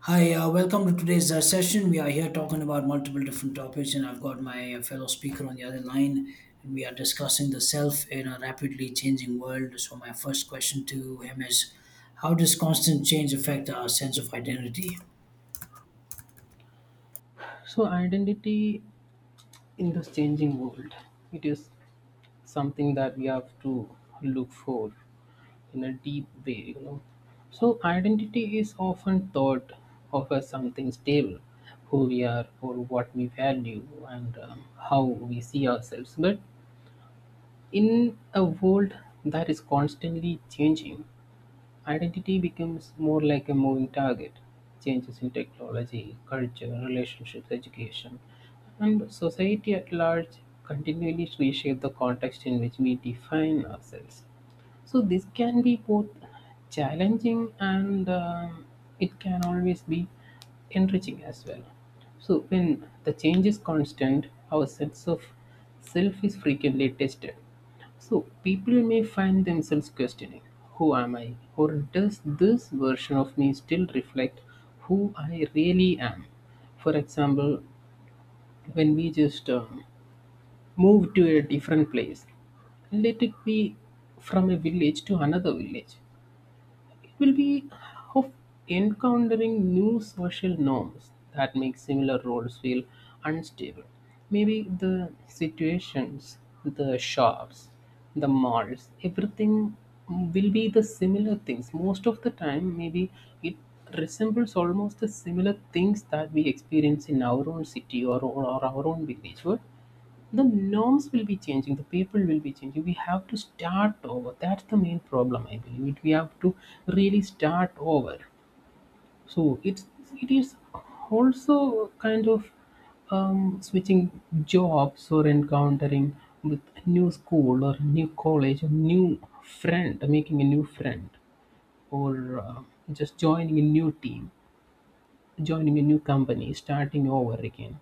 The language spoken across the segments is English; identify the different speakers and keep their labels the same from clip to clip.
Speaker 1: Hi, welcome to today's session. We are here talking about multiple different topics, and I've got my fellow speaker on the other line, and we are discussing the self in a rapidly changing world. So, my first question to him is, how does constant change affect our sense of identity?
Speaker 2: So, identity in this changing world, it is something that we have to look for in a deep way, you know. So, identity is often thought of as something stable, who we are, or what we value, and how we see ourselves. But in a world that is constantly changing, identity becomes more like a moving target. Changes in technology, culture, relationships, education, and society at large continually reshape the context in which we define ourselves. So this can be both challenging and it can always be enriching as well. So when the change is constant, our sense of self is frequently tested. So people may find themselves questioning, who am I? Or does this version of me still reflect who I really am? For example, when we just move to a different place, let it be from a village to another village, it will be of encountering new social norms that make similar roles feel unstable. Maybe the situations, the shops, the malls, everything will be the similar things most of the time. Maybe it resembles almost the similar things that we experience in our own city or our own village. What, the norms will be changing, the people will be changing, we have to start over. That's the main problem, I believe we have to really start over. So it's, it is also kind of switching jobs, or encountering with new school or new college or new friend, making a new friend, or just joining a new team, joining a new company, starting over again,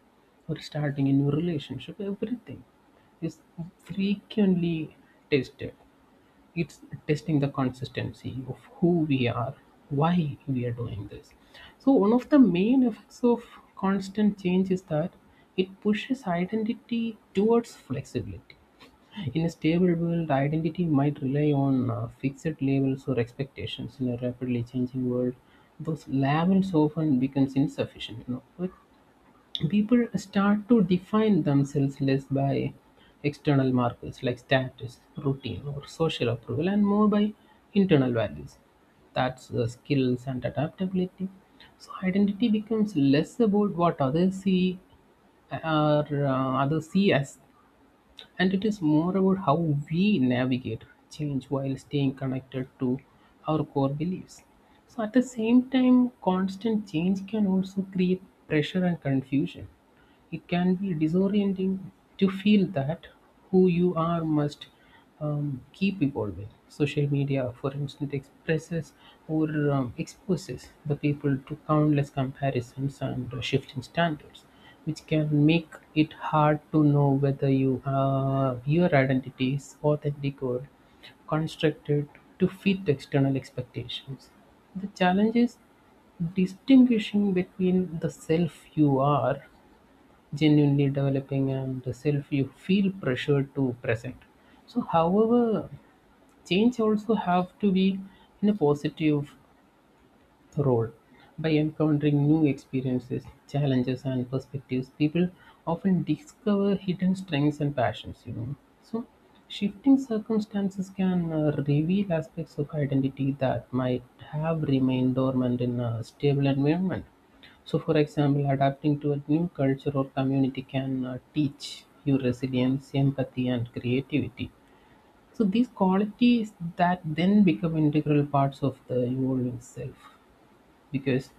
Speaker 2: or starting a new relationship. Everything is frequently tested. It's testing the consistency of who we are, why we are doing this. So one of the main effects of constant change is that it pushes identity towards flexibility. In a stable world, identity might rely on fixed labels or expectations. In a rapidly changing world, those labels often becomes insufficient, you know, like people start to define themselves less by external markers like status, routine, or social approval, and more by internal values. That's skills and adaptability. So identity becomes less about what others see, uh, or others see us, and it is more about how we navigate change while staying connected to our core beliefs. So at the same time, constant change can also create pressure and confusion. It can be disorienting to feel that who you are must keep evolving. Social media, for instance, expresses or exposes the people to countless comparisons and shifting standards, which can make it hard to know whether your identity is authentic or constructed to fit external expectations. The challenge is distinguishing between the self you are genuinely developing and self you feel pressured to present. So however, change also have to be in a positive role. By encountering new experiences, challenges, and perspectives, people often discover hidden strengths and passions. You know, so shifting circumstances can reveal aspects of identity that might have remained dormant in a stable environment. So, for example, adapting to a new culture or community can teach you resilience, empathy, and creativity. So, these qualities that then become integral parts of the evolving self, because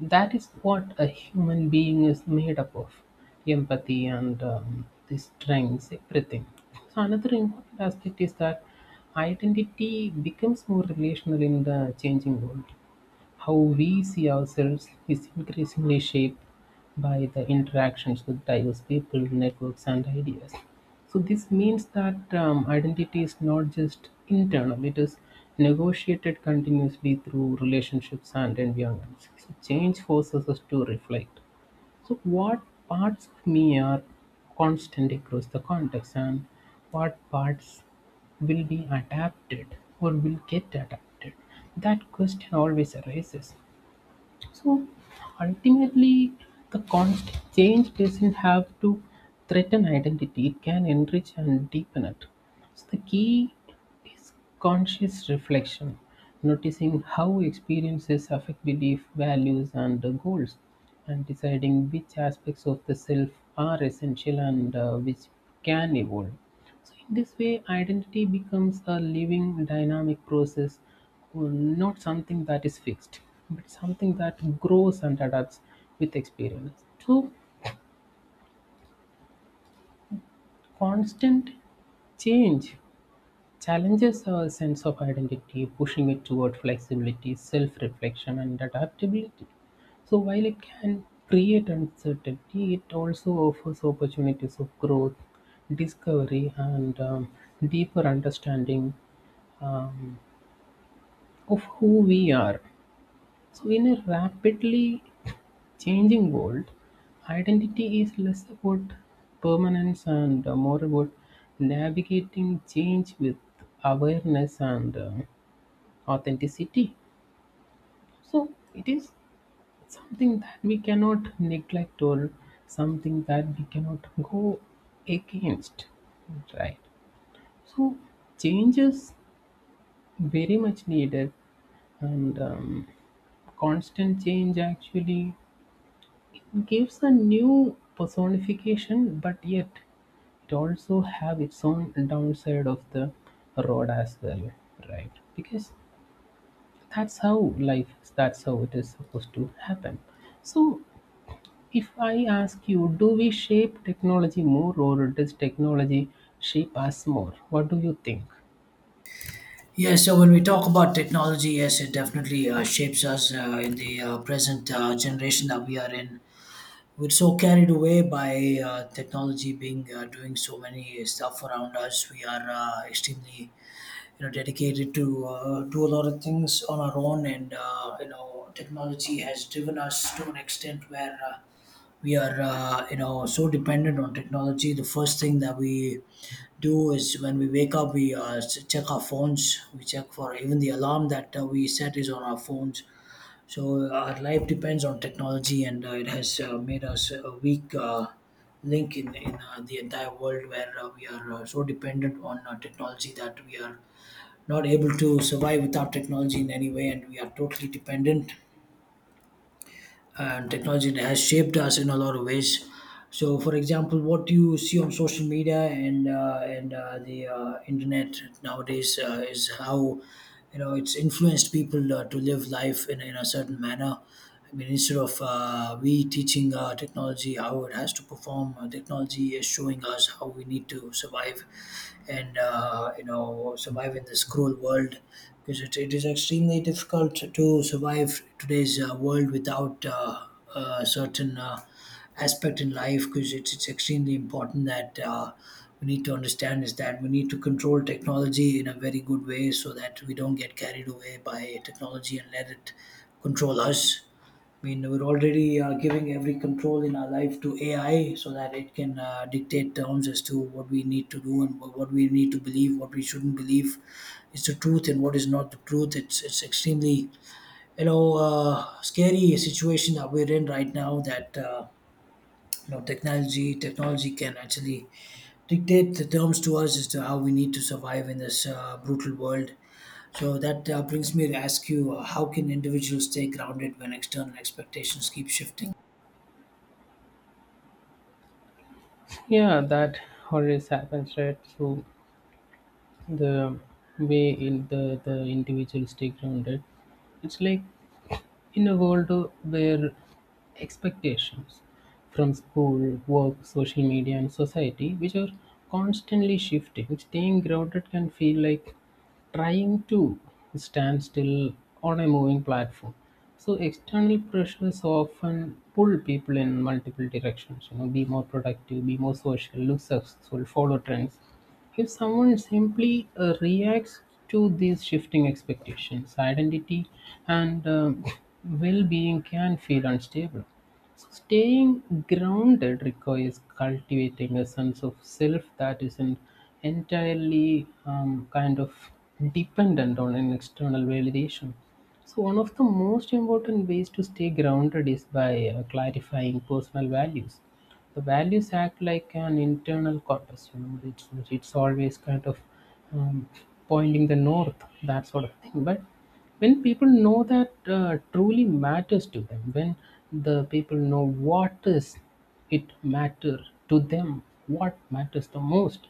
Speaker 2: that is what a human being is made up of, empathy and the strengths, everything. So another important aspect is that identity becomes more relational in the changing world. How we see ourselves is increasingly shaped by the interactions with diverse people, networks, and ideas. So, this means that identity is not just internal, it is negotiated continuously through relationships and environments. So, change forces us to reflect, so, what parts of me are constant across the context and what parts will be adapted or will get adapted. That question always arises. So ultimately, the constant change doesn't have to threaten identity, it can enrich and deepen it. So the key is conscious reflection, noticing how experiences affect belief, values, and goals, and deciding which aspects of the self are essential and which can evolve. So in this way, identity becomes a living, dynamic process, or not something that is fixed, but something that grows and adapts with experience. So constant change challenges our sense of identity, pushing it toward flexibility, self-reflection, and adaptability. So while it can create uncertainty, it also offers opportunities of growth, discovery, and deeper understanding. um, of who we are. So, in a rapidly changing world, identity is less about permanence and more about navigating change with awareness and authenticity. So, it is something that we cannot neglect or something that we cannot go against, right? So, change is very much needed, and constant change actually gives a new personification, but yet it also have its own downside of the road as well, right? Because that's how life is. That's how it is supposed to happen. So, if I ask you, do we shape technology more, or does technology shape us more? What do you think?
Speaker 1: Yeah, so when we talk about technology, yes, it definitely shapes us in the present generation that we are in. We're so carried away by technology being doing so many stuff around us. We are extremely, you know, dedicated to do a lot of things on our own. And you know, technology has driven us to an extent where we are, you know, so dependent on technology. The first thing that we do is when we wake up, we check our phones. We check for even the alarm that we set is on our phones. So our life depends on technology, and it has made us a weak link in the entire world, where we are, so dependent on technology that we are not able to survive without technology in any way, and we are totally dependent. And technology has shaped us in a lot of ways. So, for example, what you see on social media and the internet nowadays is how, you know, it's influenced people to live life in a certain manner. I mean, instead of we teaching technology how it has to perform, technology is showing us how we need to survive and, you know, survive in this cruel world, because it is extremely difficult to survive today's world without certain aspect in life. Because it's extremely important that we need to understand is that we need to control technology in a very good way, so that we don't get carried away by technology and let it control us. I mean, we're already giving every control in our life to AI, so that it can dictate terms as to what we need to do, and what we need to believe, what we shouldn't believe. It's the truth and what is not the truth. It's extremely, you know, scary situation that we're in right now. That, you know, technology can actually dictate the terms to us as to how we need to survive in this brutal world. So that brings me to ask you, how can individuals stay grounded when external expectations keep shifting?
Speaker 2: Yeah, that always happens, right? So the way in the individual stay grounded, it's like, in a world where expectations from school, work, social media, and society, which are constantly shifting, staying grounded can feel like trying to stand still on a moving platform. So external pressures often pull people in multiple directions. You know, be more productive, be more social, look successful, follow trends. If someone simply reacts to these shifting expectations, identity and well being can feel unstable. So staying grounded requires cultivating a sense of self that isn't entirely kind of dependent on an external validation. So, one of the most important ways to stay grounded is by clarifying personal values. The values act like an internal compass, you know, it's always kind of um, pointing the north, that sort of thing. But when people know that truly matters to them, when the people know what is it matter to them, what matters the most,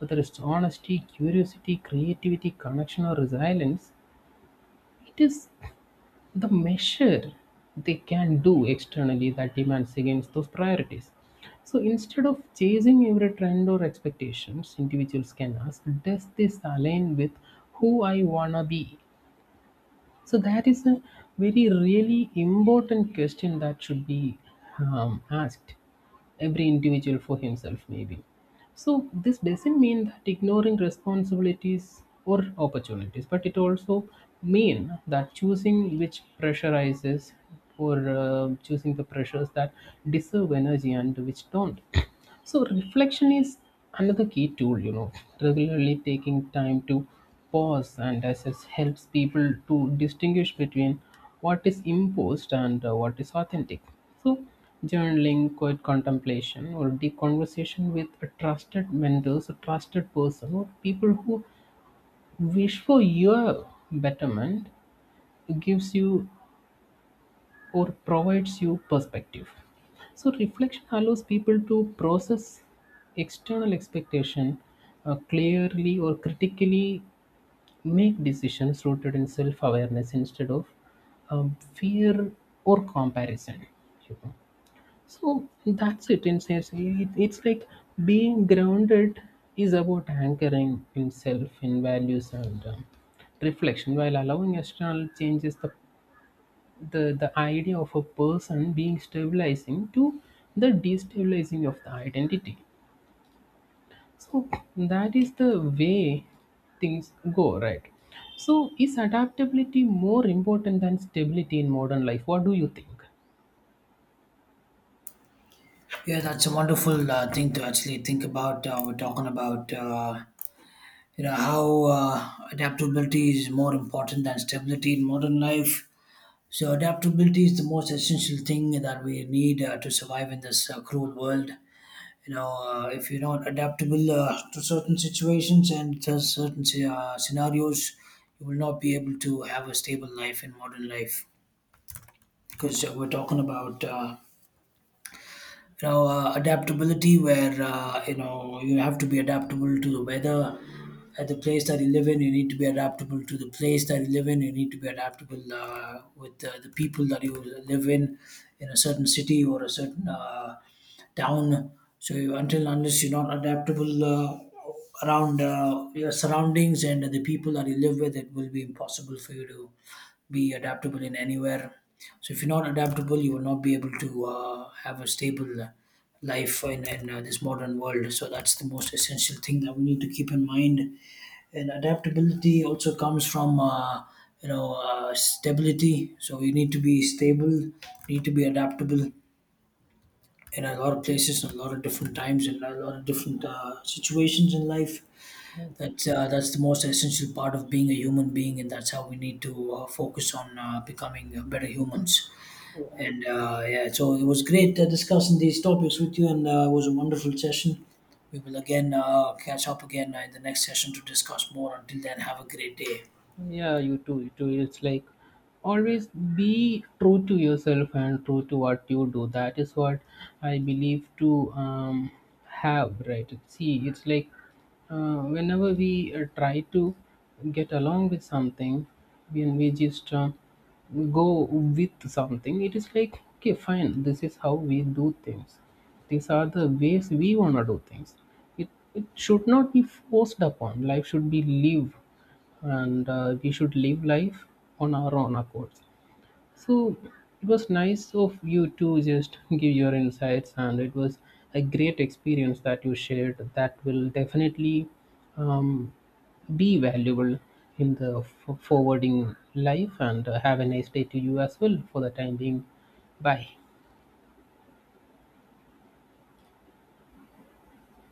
Speaker 2: whether it's honesty, curiosity, creativity, connection, or resilience, it is the measure they can do externally that demands against those priorities. So instead of chasing every trend or expectations, individuals can ask, does this align with who I wanna be? So that is a very really important question that should be asked every individual for himself maybe. So this doesn't mean that ignoring responsibilities or opportunities, but it also mean that choosing which pressurizes or choosing the pressures that deserve energy and which don't. So reflection is another key tool, you know. Regularly taking time to pause and assess helps people to distinguish between what is imposed and what is authentic. So journaling, quiet contemplation, or deep conversation with a trusted mentors, a trusted person, or people who wish for your betterment gives you or provides you perspective. So reflection allows people to process external expectation clearly or critically, make decisions rooted in self-awareness instead of fear or comparison, you know. So that's it. In sense, it, it's like being grounded is about anchoring in self, in values, and reflection, while allowing external changes, the idea of a person being stabilizing to the destabilizing of the identity. So that is the way things go, right? So, is adaptability more important than stability in modern life? What do you think?
Speaker 1: Yeah, that's a wonderful thing to actually think about. We're talking about, you know, how adaptability is more important than stability in modern life. So adaptability is the most essential thing that we need to survive in this cruel world. You know, if you're not adaptable to certain situations and to certain scenarios, you will not be able to have a stable life in modern life. Because we're talking about, you know, adaptability, where, you know, you have to be adaptable to the weather at the place that you live in. You need to be adaptable to the place that you live in. You need to be adaptable with the people that you live in a certain city or a certain town. So you, until unless you're not adaptable around your surroundings and the people that you live with, it will be impossible for you to be adaptable in anywhere. So if you're not adaptable, you will not be able to have a stable life in this modern world. So that's the most essential thing that we need to keep in mind. And adaptability also comes from, you know, stability. So you need to be stable, you need to be adaptable in a lot of places, in a lot of different times, in a lot of different situations in life. That's the most essential part of being a human being, and that's how we need to focus on becoming better humans. And yeah, so it was great discussing these topics with you, and it was a wonderful session. We will again catch up again in the next session to discuss more. Until then, have a great day.
Speaker 2: Yeah, you too, you too. It's like, always be true to yourself and true to what you do. That is what I believe to have, right? See, it's like, whenever we try to get along with something, when we just go with something, it is like, okay, fine, this is how we do things. These are the ways we want to do things. It, it should not be forced upon, life should be lived and we should live life on our own accord. So it was nice of you to just give your insights, and it was a great experience that you shared that will definitely um, be valuable in the forwarding life. And have a nice day to you as well for the time being. Bye.